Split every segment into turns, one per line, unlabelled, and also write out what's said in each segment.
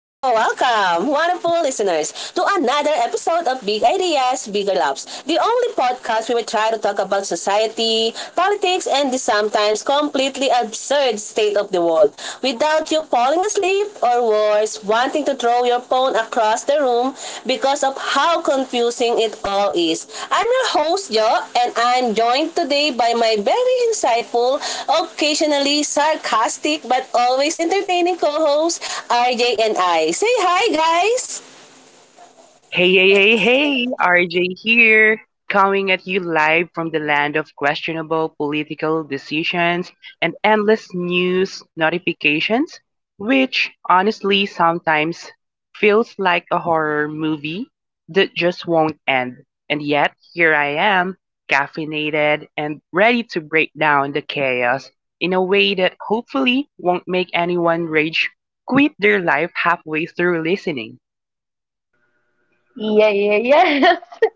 listeners, to another episode of Big Ideas, Bigger Loves, the only podcast we will try to talk about society, politics, and the sometimes completely absurd state of the world without you falling asleep shift or worse, wanting to throw your phone across the room because of how confusing it all is. I'm your host, Jo, and I'm joined today by my very insightful, occasionally sarcastic, but always entertaining co-host, RJ and I. Say hi, guys!
Hey, hey, hey, hey, RJ here, coming at you live from the land of questionable political decisions and endless news notifications, which honestly sometimes feels like a horror movie that just won't end. And yet, here I am, caffeinated and ready to break down the chaos in a way that hopefully won't make anyone rage quit their life halfway through listening.
Yeah, yeah, yes.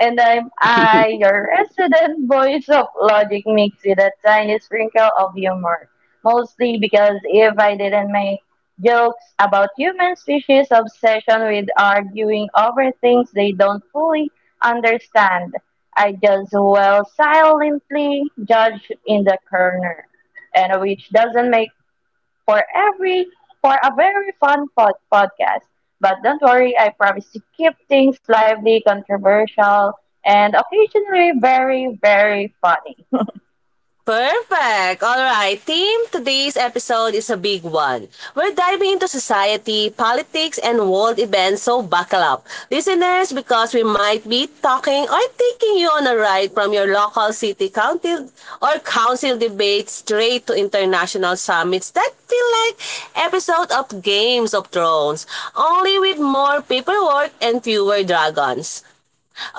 And I, your resident voice of logic mixed with a tiny sprinkle of humor. Mostly because if I didn't make jokes about human species obsession with arguing over things they don't fully understand, I just well silently judge in the corner. And which doesn't make for every for a very fun podcast. But don't worry, I promise to keep things lively, controversial, and occasionally very, very funny.
Perfect! Alright, team, today's episode is a big one. We're diving into society, politics, and world events, so buckle up. Listeners, because we might be talking or taking you on a ride from your local city council or council debate straight to international summits that feel like episode of Games of Thrones, only with more paperwork and fewer dragons.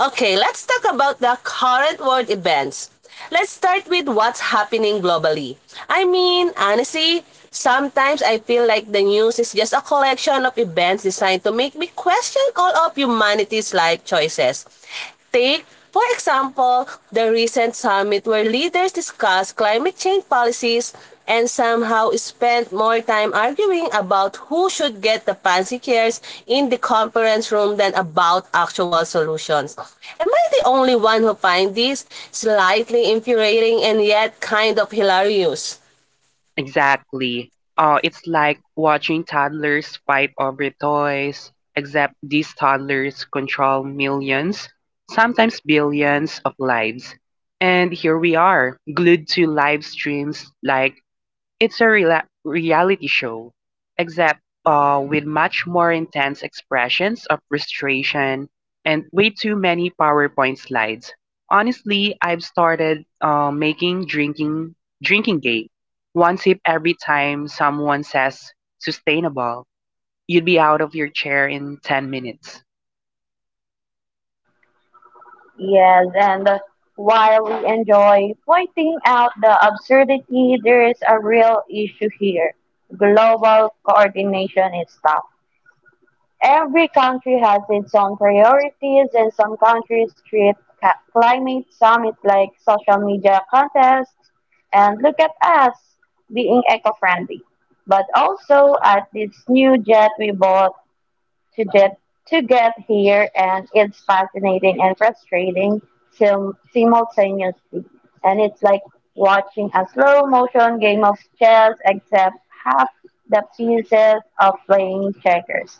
Okay, let's talk about the current world events. Let's start with what's happening globally. I mean, honestly, sometimes I feel like the news is just a collection of events designed to make me question all of humanity's life choices. Take for example, the recent summit where leaders discussed climate change policies and somehow spent more time arguing about who should get the fancy chairs in the conference room than about actual solutions. Am I the only one who finds this slightly infuriating and yet kind of hilarious?
Exactly. It's like watching toddlers fight over toys, except these toddlers control millions, sometimes billions of lives. And here we are, glued to live streams like reality show, except with much more intense expressions of frustration and way too many PowerPoint slides. Honestly, I've started making drinking gate. One sip every time someone says sustainable, you'd be out of your chair in 10 minutes.
Yes, and while we enjoy pointing out the absurdity, there is a real issue here. Global coordination is tough. Every country has its own priorities, and some countries treat climate summits like social media contests and look at us being eco-friendly. But also at this new jet we bought to jet to get here, and it's fascinating and frustrating simultaneously. And it's like watching a slow motion game of chess, except half the pieces of playing checkers.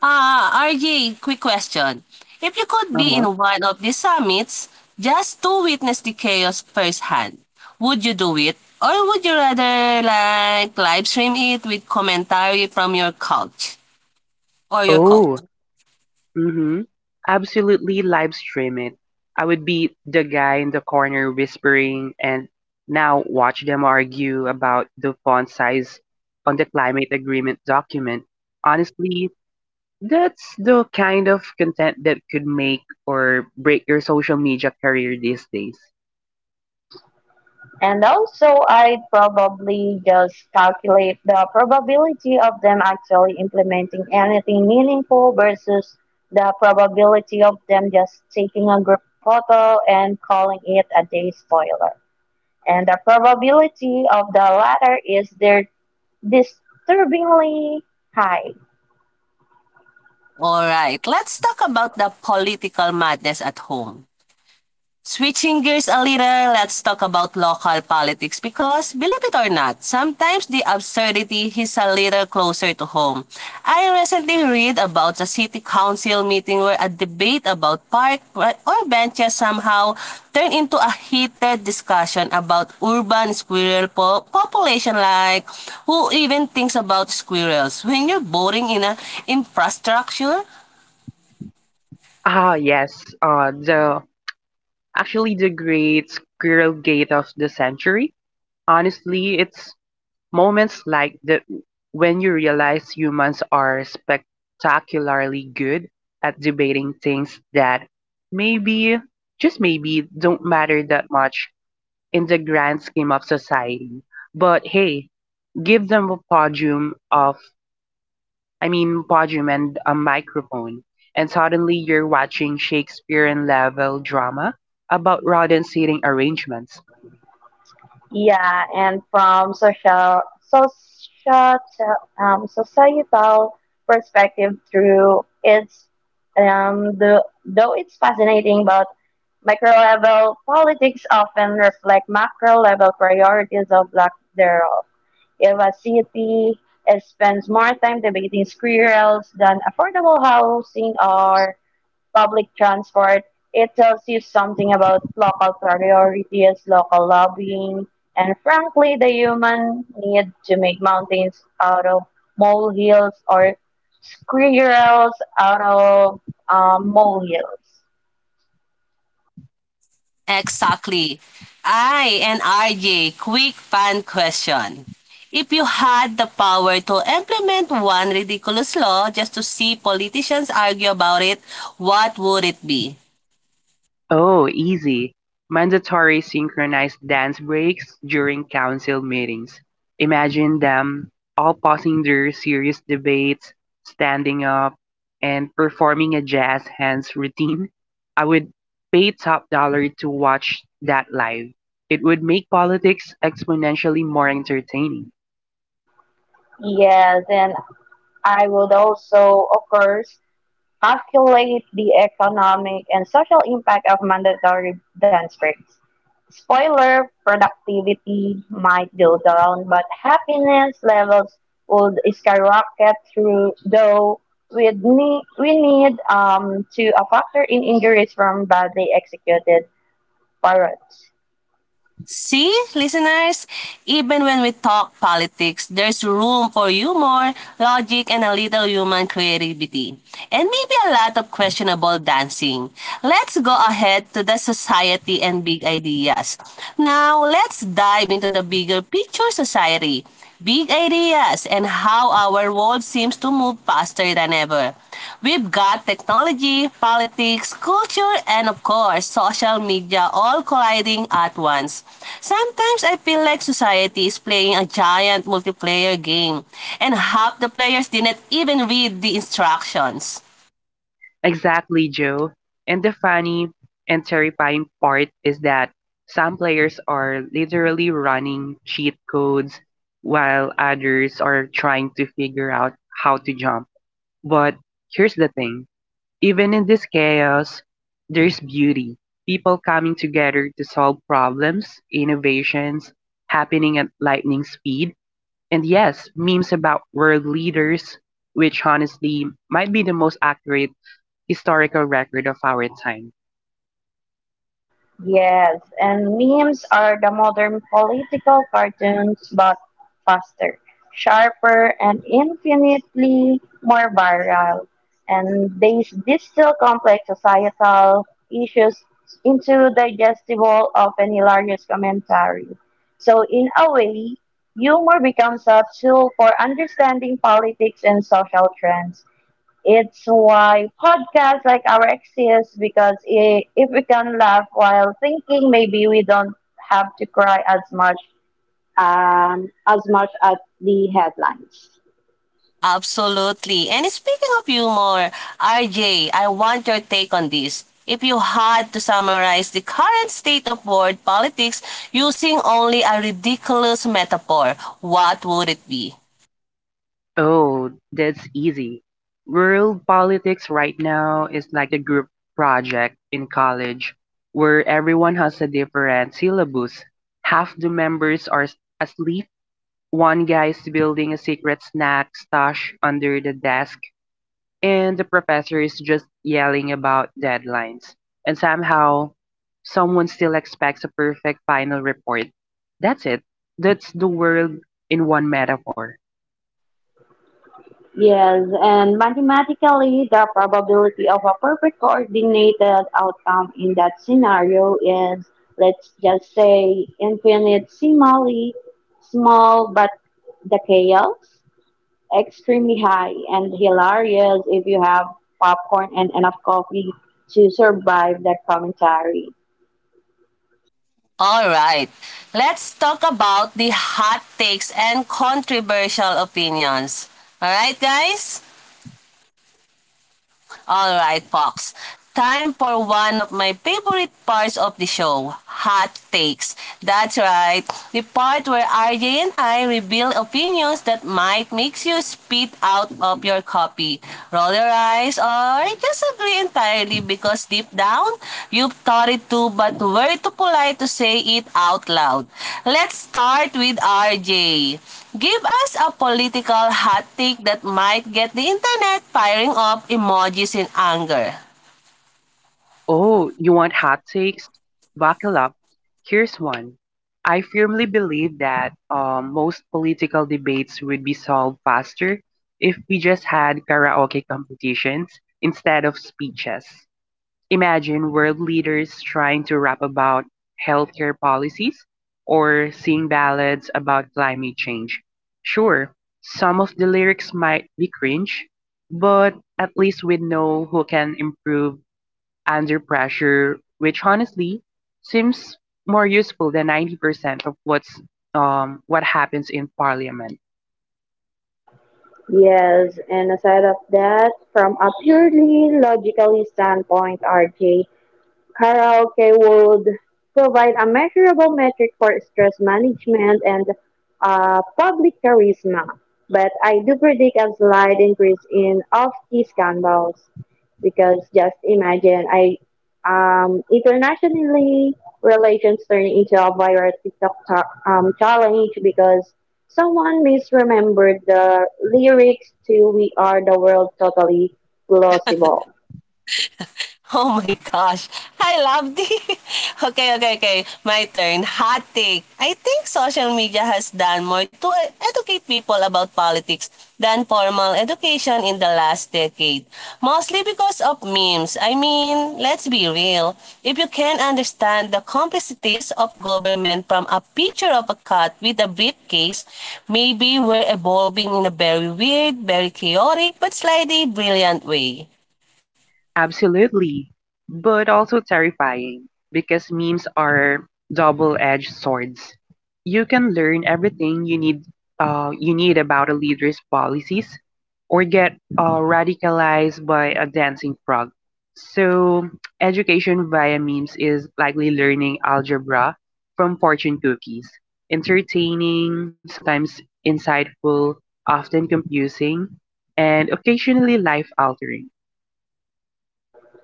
Ah, RJ, quick question. If you could be
Uh-huh.
in one of these summits just to witness the chaos firsthand, would you do it? Or would you rather like live stream it with commentary from your couch or your couch?
Oh, mhm, absolutely live stream it. I would be the guy in the corner whispering and now watch them argue about the font size on the climate agreement document. Honestly, that's the kind of content that could make or break your social media career these days.
And also, I'd probably just calculate the probability of them actually implementing anything meaningful versus the probability of them just taking a group photo and calling it a day spoiler. And the probability of the latter is they're disturbingly high.
All right, let's talk about the political madness at home. Switching gears a little, let's talk about local politics because, believe it or not, sometimes the absurdity is a little closer to home. I recently read about a city council meeting where a debate about park or benches somehow turned into a heated discussion about urban squirrel population, like who even thinks about squirrels when you're voting in a infrastructure.
Ah, yes. The actually the great squirrel gate of the century. Honestly, it's Moments like the when you realize humans are spectacularly good at debating things that maybe, just maybe, don't matter that much in the grand scheme of society. But hey, give them a podium of, I mean, podium and a microphone, and suddenly you're watching Shakespearean level drama about rodent seating arrangements.
Yeah, and from social social societal perspective through its the though it's fascinating, but micro level politics often reflect macro level priorities of lack thereof. If a city spends more time debating squirrels than affordable housing or public transport, it tells you something about local priorities, local lobbying, and frankly, the human need to make mountains out of molehills, or squirrels out of molehills.
Exactly. I and RJ, quick fan question. If you had the power to implement one ridiculous law just to see politicians argue about it, what would it be?
Oh, easy. Mandatory synchronized dance breaks during council meetings. Imagine them all pausing their serious debates, standing up, and performing a jazz hands routine. I would pay top dollar to watch that live. It would make politics exponentially more entertaining.
Yes, and I would also, of course, calculate the economic and social impact of mandatory dance breaks. Spoiler, productivity might go down, but happiness levels would skyrocket through, we need to a factor in injuries from badly executed parrots.
See, listeners, even when we talk politics, there's room for humor, logic, and a little human creativity. And maybe a lot of questionable dancing. Let's go ahead to the society and big ideas. Now, let's dive into the bigger picture society big ideas, and how our world seems to move faster than ever. We've got technology, politics, culture, and of course, social media all colliding at once. Sometimes I feel like society is playing a giant multiplayer game, and half the players didn't even read the instructions.
Exactly, Joe. And the funny and terrifying part is that some players are literally running cheat codes while others are trying to figure out how to jump. But here's the thing, even in this chaos, there's beauty. People coming together to solve problems, innovations happening at lightning speed, and yes, memes about world leaders, which honestly might be the most accurate historical record of our time.
Yes, and memes are the modern political cartoons, but faster, sharper, and infinitely more viral. And they distill complex societal issues into digestible, often hilarious commentary. So, in a way, humor becomes a tool for understanding politics and social trends. It's why podcasts like our exist because I if we can laugh while thinking, maybe we don't have to cry as much at the headlines.
Absolutely. And speaking of humor, RJ, I want your take on this. If you had to summarize the current state of world politics using only a ridiculous metaphor, what would it be?
Oh, that's easy. World politics right now is like a group project in college where everyone has a different syllabus. Half the members asleep. One guy is building a secret snack stash under the desk and the professor is just yelling about deadlines, and somehow someone still expects a perfect final report. That's it. That's the world in one metaphor.
Yes, and mathematically, the probability of a perfect coordinated outcome in that scenario is, let's just say, infinitesimally small, but the chaos extremely high and hilarious if you have popcorn and enough coffee to survive that commentary.
All right. Let's talk about the hot takes and controversial opinions. All right, guys? Alright, Fox. Time for one of my favorite parts of the show, hot takes. That's right, the part where RJ and I reveal opinions that might make you spit out of your copy, roll your eyes, or just disagree entirely because deep down, you've thought it too but were too polite to say it out loud. Let's start with RJ. Give us a political hot take that might get the internet firing up emojis in anger.
Oh, you want hot takes? Buckle up. Here's one. I firmly believe that most political debates would be solved faster if we just had karaoke competitions instead of speeches. Imagine world leaders trying to rap about healthcare policies or sing ballads about climate change. Sure, some of the lyrics might be cringe, but at least we know who can improve under pressure, which honestly seems more useful than 90% of what happens in parliament.
Yes, and aside of that, from a purely logical standpoint, RJ, karaoke would provide a measurable metric for stress management and public charisma, but I do predict a slight increase in off-key scandals because just imagine I internationally relations turning into a viral TikTok challenge because someone misremembered the lyrics to "We Are the World," totally plausible.
Oh my gosh. I love the... Okay, okay, okay. My turn. Hot take. I think social media has done more to educate people about politics than formal education in the last decade. Mostly because of memes. I mean, let's be real. If you can understand the complexities of government from a picture of a cat with a briefcase, maybe we're evolving in a very weird, very chaotic, but slightly brilliant way.
Absolutely. But also terrifying because memes are double-edged swords. You can learn everything you need about a leader's policies or get radicalized by a dancing frog. So, education via memes is likely learning algebra from fortune cookies. Entertaining, sometimes insightful, often confusing, and occasionally life altering.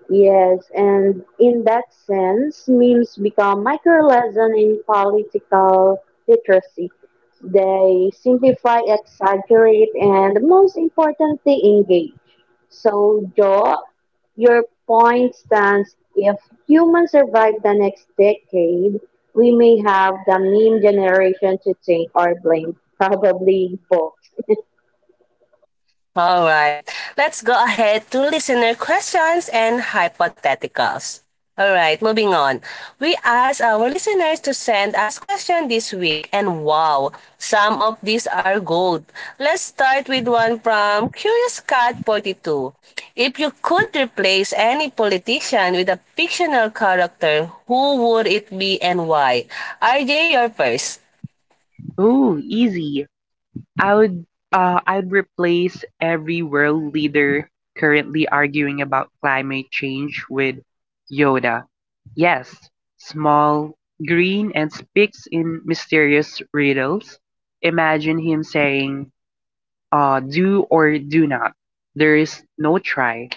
Yes, and in that sense, memes become micro lesson in political literacy. They simplify, exaggerate, and most importantly, engage. So, Joe, your point stands. If humans survive the next decade, we may have the meme generation to thank or blame, probably both.
All right. Let's go ahead to listener questions and hypotheticals. All right, moving on. We asked our listeners to send us questions this week, and wow, some of these are gold. Let's start with one from Curious Cat Forty Two. If you could replace any politician with a fictional character, who would it be and why? RJ, you're first.
Oh, easy. I would I'd replace every world leader currently arguing about climate change with Yoda. Yes, small, green and speaks in mysterious riddles. Imagine him saying, do or do not. There is no try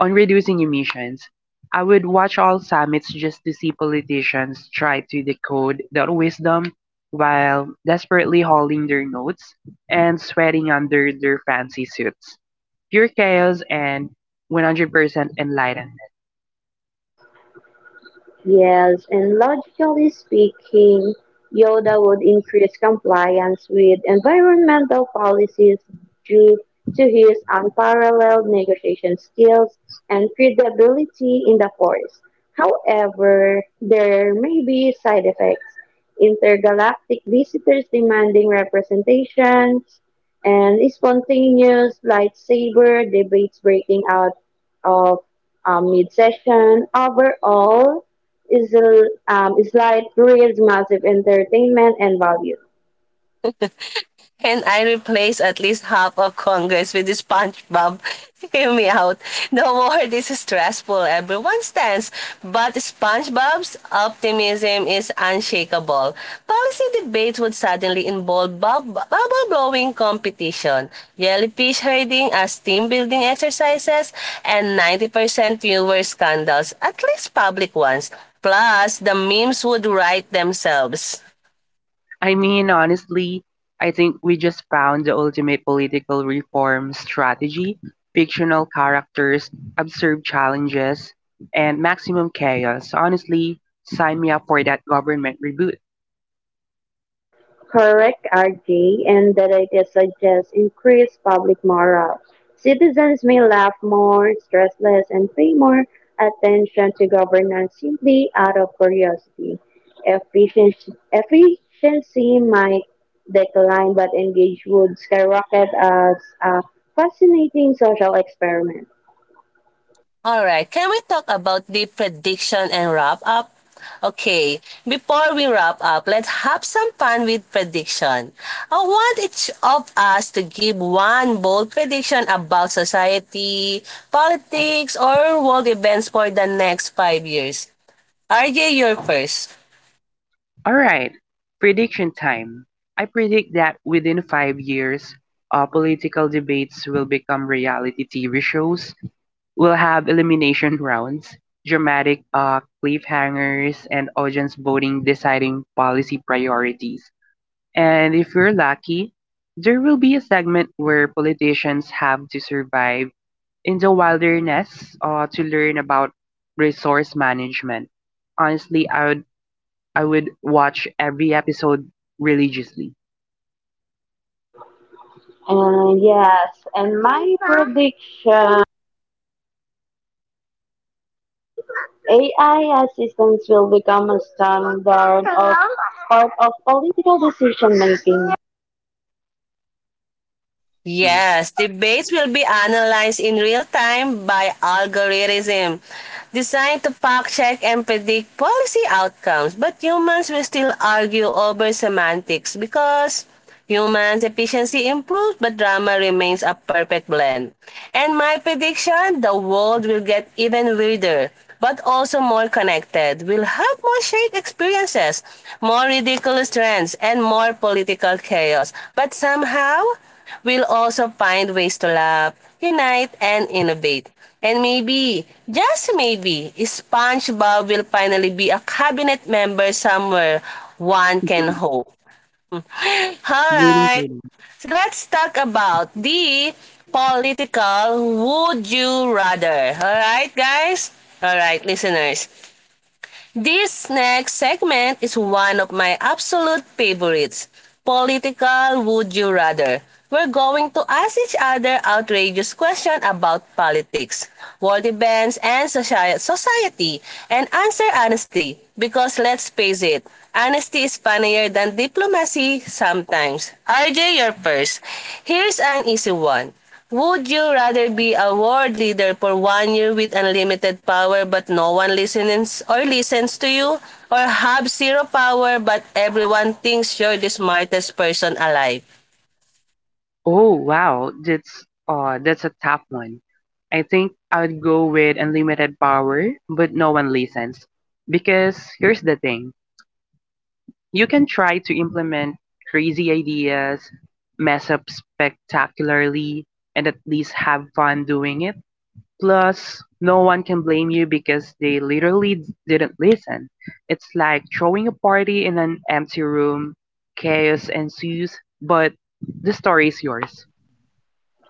on reducing emissions. I would watch all summits just to see politicians try to decode their wisdom while desperately holding their notes and sweating under their fancy suits. Pure chaos and 100% enlightenment.
Yes, and logically speaking, Yoda would increase compliance with environmental policies due to his unparalleled negotiation skills and credibility in the Force. However, there may be side effects. Intergalactic visitors demanding representations and spontaneous lightsaber debates breaking out of mid-session. Overall, Israel creates massive entertainment and value.
And I replace at least half of Congress with this SpongeBob. Hear me out. The war is stressful. Everyone stands. But SpongeBob's optimism is unshakable. Policy debates would suddenly involve bubble blowing competition, jellyfish herding as team building exercises, and 90% fewer scandals, at least public ones. Plus, the memes would write themselves.
I mean, honestly, I think we just found the ultimate political reform strategy: fictional characters, absurd challenges, and maximum chaos. Honestly, sign me up for that government reboot.
Correct, RJ, and the data suggests increased public morale. Citizens may laugh more, stress less, and pay more attention to governance simply out of curiosity. Efficiency might decline, but engage would skyrocket as a fascinating social experiment.
All right. Can we talk about the prediction and wrap up? Okay, before we wrap up, let's have some fun with prediction. I want each of us to give one bold prediction about society, politics, or world events for the next five years. RJ, you're first.
All right, prediction time. I predict that within 5 years, political debates will become reality TV shows. We'll have elimination rounds, dramatic cliffhangers, and audience voting deciding policy priorities. And if we're lucky, there will be a segment where politicians have to survive in the wilderness to learn about resource management. Honestly, I would watch every episode religiously.
And yes, and my prediction: AI assistants will become a standard of part of political decision making.
Mm.
Yes, debates will be analyzed in real time by algorithm designed to fact check and predict policy outcomes. But humans will still argue over semantics because humans' efficiency improved, but drama remains a perfect blend. And my prediction, the world will get even weirder, but also more connected. We'll have more shared experiences, more ridiculous trends, and more political chaos. But somehow, we'll also find ways to laugh, unite, and innovate. And maybe, just maybe, SpongeBob will finally be a cabinet member somewhere. One can hope. All
Really,
right.
really.
So let's talk about the political would you rather. All right, guys? All right, listeners. This next segment is one of my absolute favorites. Political Would You Rather. We're going to ask each other outrageous questions about politics, world events, and society, and answer honestly. Because let's face it, honesty is funnier than diplomacy sometimes. RJ, you're first. Here's an easy one. Would you rather be a world leader for one year with unlimited power but no one listens or listens to you? Or have zero power but everyone thinks you're the smartest person alive?
Oh wow, that's a tough one. I think I would go with unlimited power, but no one listens. Because here's the thing, you can try to implement crazy ideas, mess up spectacularly, and at least have fun doing it. Plus, no one can blame you because they literally didn't listen. It's like throwing a party in an empty room. Chaos ensues, but the story is yours.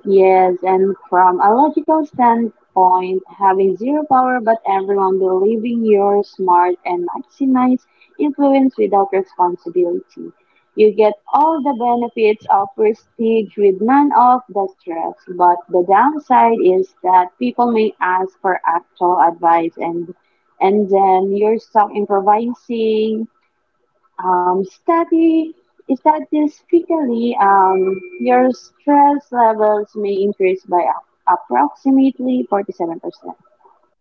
Yes, and from a logical standpoint, having zero power but everyone believing you're smart and maximize influence without responsibility. You get all the benefits of prestige with none of the stress, but the downside is that people may ask for actual advice and then you're stuck improvising study statistically, your stress levels may increase by approximately 47%.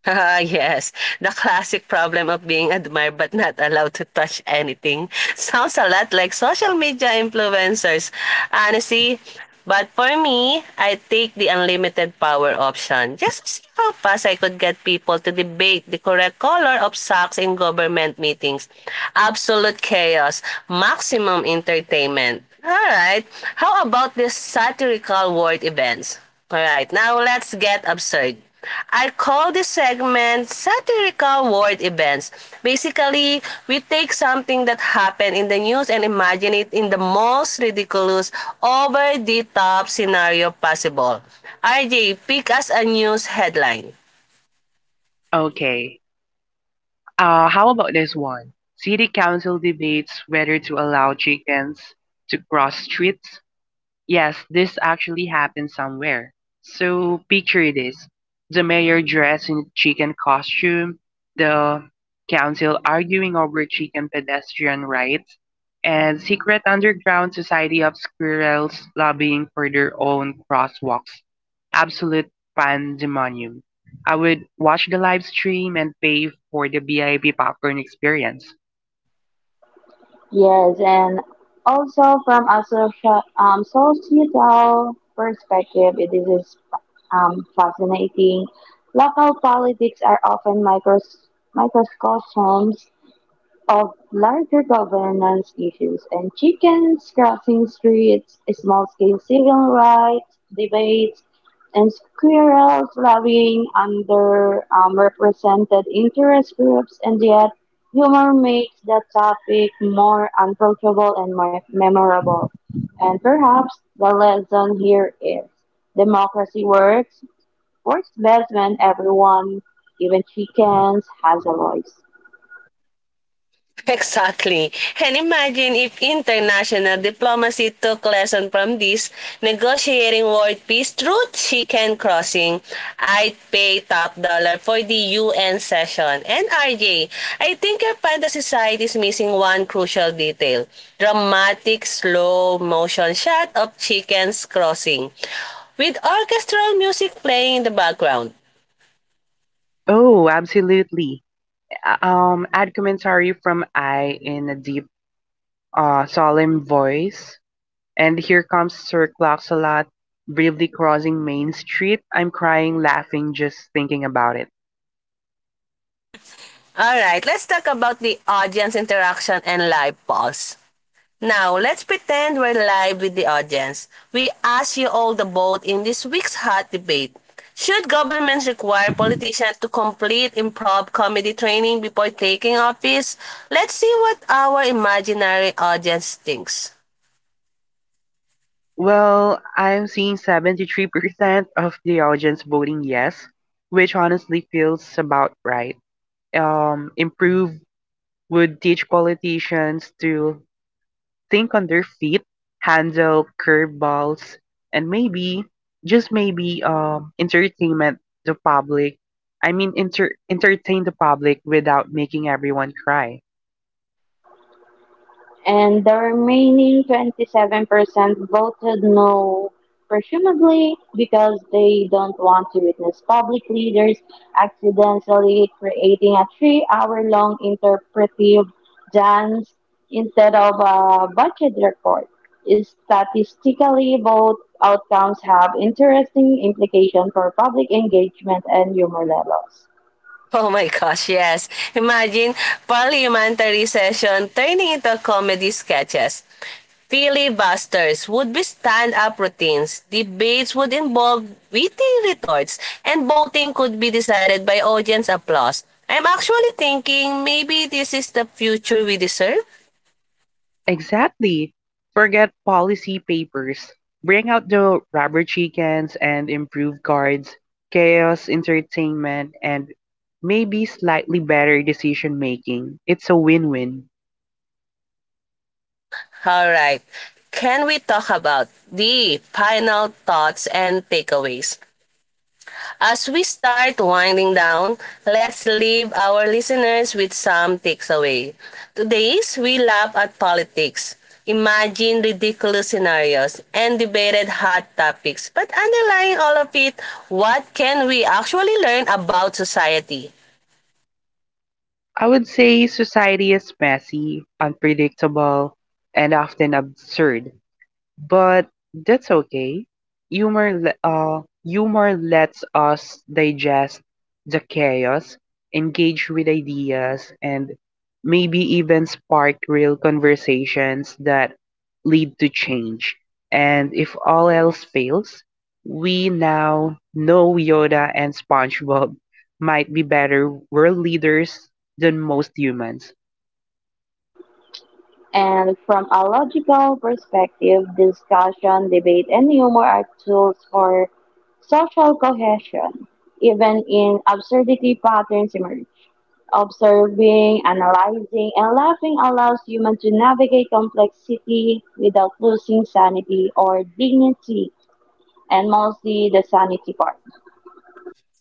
Ah, yes. The classic problem of being admired but not allowed to touch anything. Sounds a lot like social media influencers. Honestly, but for me, I take the unlimited power option just to see how fast I could get people to debate the correct color of socks in government meetings. Absolute chaos, maximum entertainment. All right, how about these satirical world events? Alright, now let's get absurd. I call this segment satirical world events. Basically, we take something that happened in the news and imagine it in the most ridiculous, over the top scenario possible. RJ, pick us a news headline.
Okay. How about this one? City council debates whether to allow chickens to cross streets. Yes, this actually happened somewhere. So picture this. The mayor dressed in chicken costume, the council arguing over chicken pedestrian rights, and secret underground society of squirrels lobbying for their own crosswalks. Absolute pandemonium. I would watch the live stream and pay for the VIP popcorn experience.
Yes, and also from a social, societal perspective, it is fascinating. Local politics are often micros microcosms of larger governance issues, and chickens crossing streets, small-scale civil rights debates, and squirrels lobbying under represented interest groups. And yet humor makes the topic more approachable and more memorable. And perhaps the lesson here is democracy works best when everyone, even chickens, has a voice.
Exactly. And imagine if international diplomacy took lesson from this, negotiating world peace through chicken crossing. I'd pay top dollar for the UN session. And RJ, I think your fantasy side is missing one crucial detail. Dramatic slow motion shot of chickens crossing. With orchestral music playing in the background.
Oh, absolutely. Ad commentary from I in a deep solemn voice. And here comes Sir Claxalat bravely crossing Main Street. I'm crying, laughing, just thinking about it.
Alright, let's talk about the audience interaction and live pulse. Now, let's pretend we're live with the audience. We ask you all to vote in this week's hot debate. Should governments require politicians to complete improv comedy training before taking office? Let's see what our imaginary audience thinks.
Well, I'm seeing 73% of the audience voting yes, which honestly feels about right. Improve would teach politicians to think on their feet, handle curveballs, and maybe, just maybe, entertainment the public. I mean, entertain the public without making everyone cry.
And the remaining 27% voted no, presumably because they don't want to witness public leaders accidentally creating a 3 hour long interpretive dance instead of a budget report. Statistically, both outcomes have interesting implications for public engagement and humor levels.
Oh my gosh, yes. Imagine parliamentary session turning into comedy sketches. Filibusters would be stand-up routines. Debates would involve witty retorts, and voting could be decided by audience applause. I'm actually thinking maybe this is the future we deserve.
Exactly. Forget policy papers. Bring out the rubber chickens and improve guards, chaos entertainment, and maybe slightly better decision making. It's a win win.
All right. Can we talk about the final thoughts and takeaways? As we start winding down, let's leave our listeners with some takeaway. Today's we laugh at politics. Imagine ridiculous scenarios and debated hot topics. But underlying all of it, what can we actually learn about society?
I would say society is messy, unpredictable, and often absurd, but that's okay. Humor lets us digest the chaos, engage with ideas, and maybe even spark real conversations that lead to change. And if all else fails, we now know Yoda and SpongeBob might be better world leaders than most humans.
And from a logical perspective, discussion, debate, and humor are tools for social cohesion. Even in absurdity, patterns emerge. Observing, analyzing, and laughing allows humans to navigate complexity without losing sanity or dignity, and mostly the sanity part.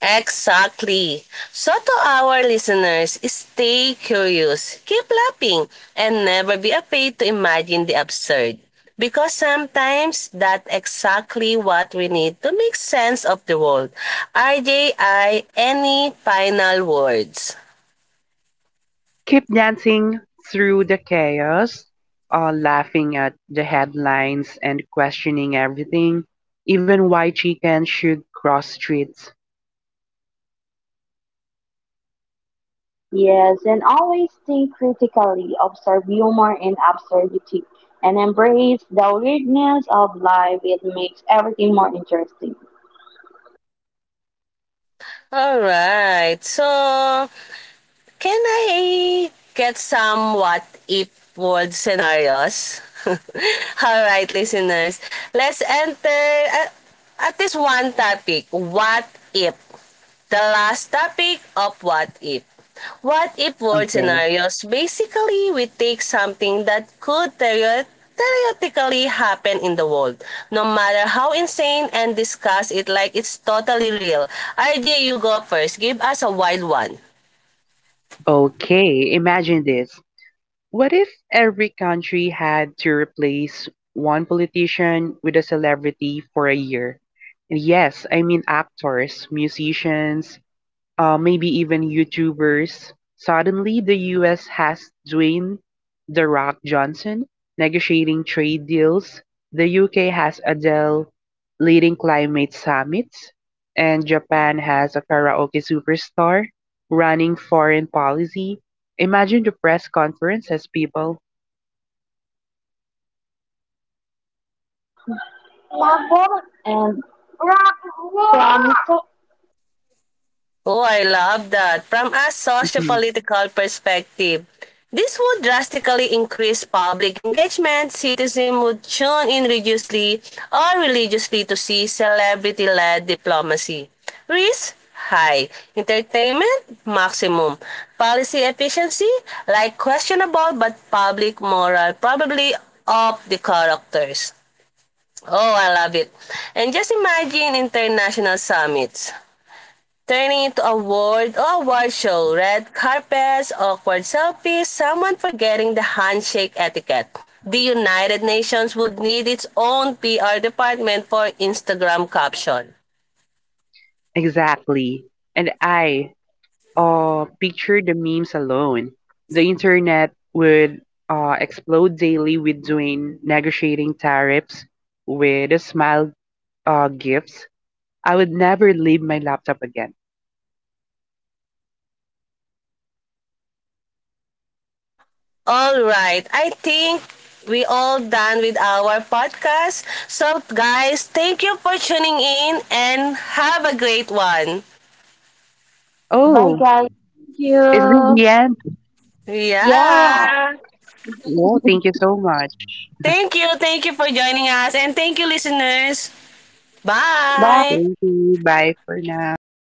Exactly. So to our listeners, stay curious, keep laughing, and never be afraid to imagine the absurd. Because sometimes that's exactly what we need to make sense of the world. RJI, any final words?
Keep dancing through the chaos, laughing at the headlines and questioning everything, even why chicken should cross streets.
Yes, and always think critically, observe humor and absurdity, and embrace the weirdness of life. It makes everything more interesting.
All right, so Can I get some what if world scenarios? All right, listeners. Let's enter at this one topic. What if? The last topic of what if. What if world
Okay.
scenarios? Basically, we take something that could theoretically happen in the world, no matter how insane, and discuss it like it's totally real. RJ, you go first. Give us a wild one.
Okay, imagine this. What if every country had to replace one politician with a celebrity for a year? And yes, I mean actors, musicians, maybe even YouTubers. Suddenly, the US has Dwayne The Rock Johnson negotiating trade deals, the UK has Adele leading climate summits, and Japan has a karaoke superstar running foreign policy. Imagine the press conference as people.
And from so,
Oh, I love that. From a
Mhm.
political perspective, this would drastically increase public engagement. Citizens would tune in religiously or religiously to see celebrity-led diplomacy. Risk high. Entertainment maximum. Policy efficiency like questionable but public moral probably of the characters. Oh, I love it. And just imagine international summits. Turning into a world or award show, red carpets, awkward selfies, someone forgetting the handshake etiquette. The United Nations would need its own PR department for Instagram caption.
Exactly. And I Picture the memes alone. The internet would explode daily with doing negotiating tariffs with a smile gifts. I would never leave my laptop again.
All right, I think we all done with our podcast. So guys, thank you for tuning in and have a great one.
Bye
Oh,
guys. Thank
is this
you.
the end?
Yeah,
Yeah.
No, thank you so much.
Thank you. Thank you for joining us and thank you listeners.
bye.
Bye.
Thank you. Bye for now.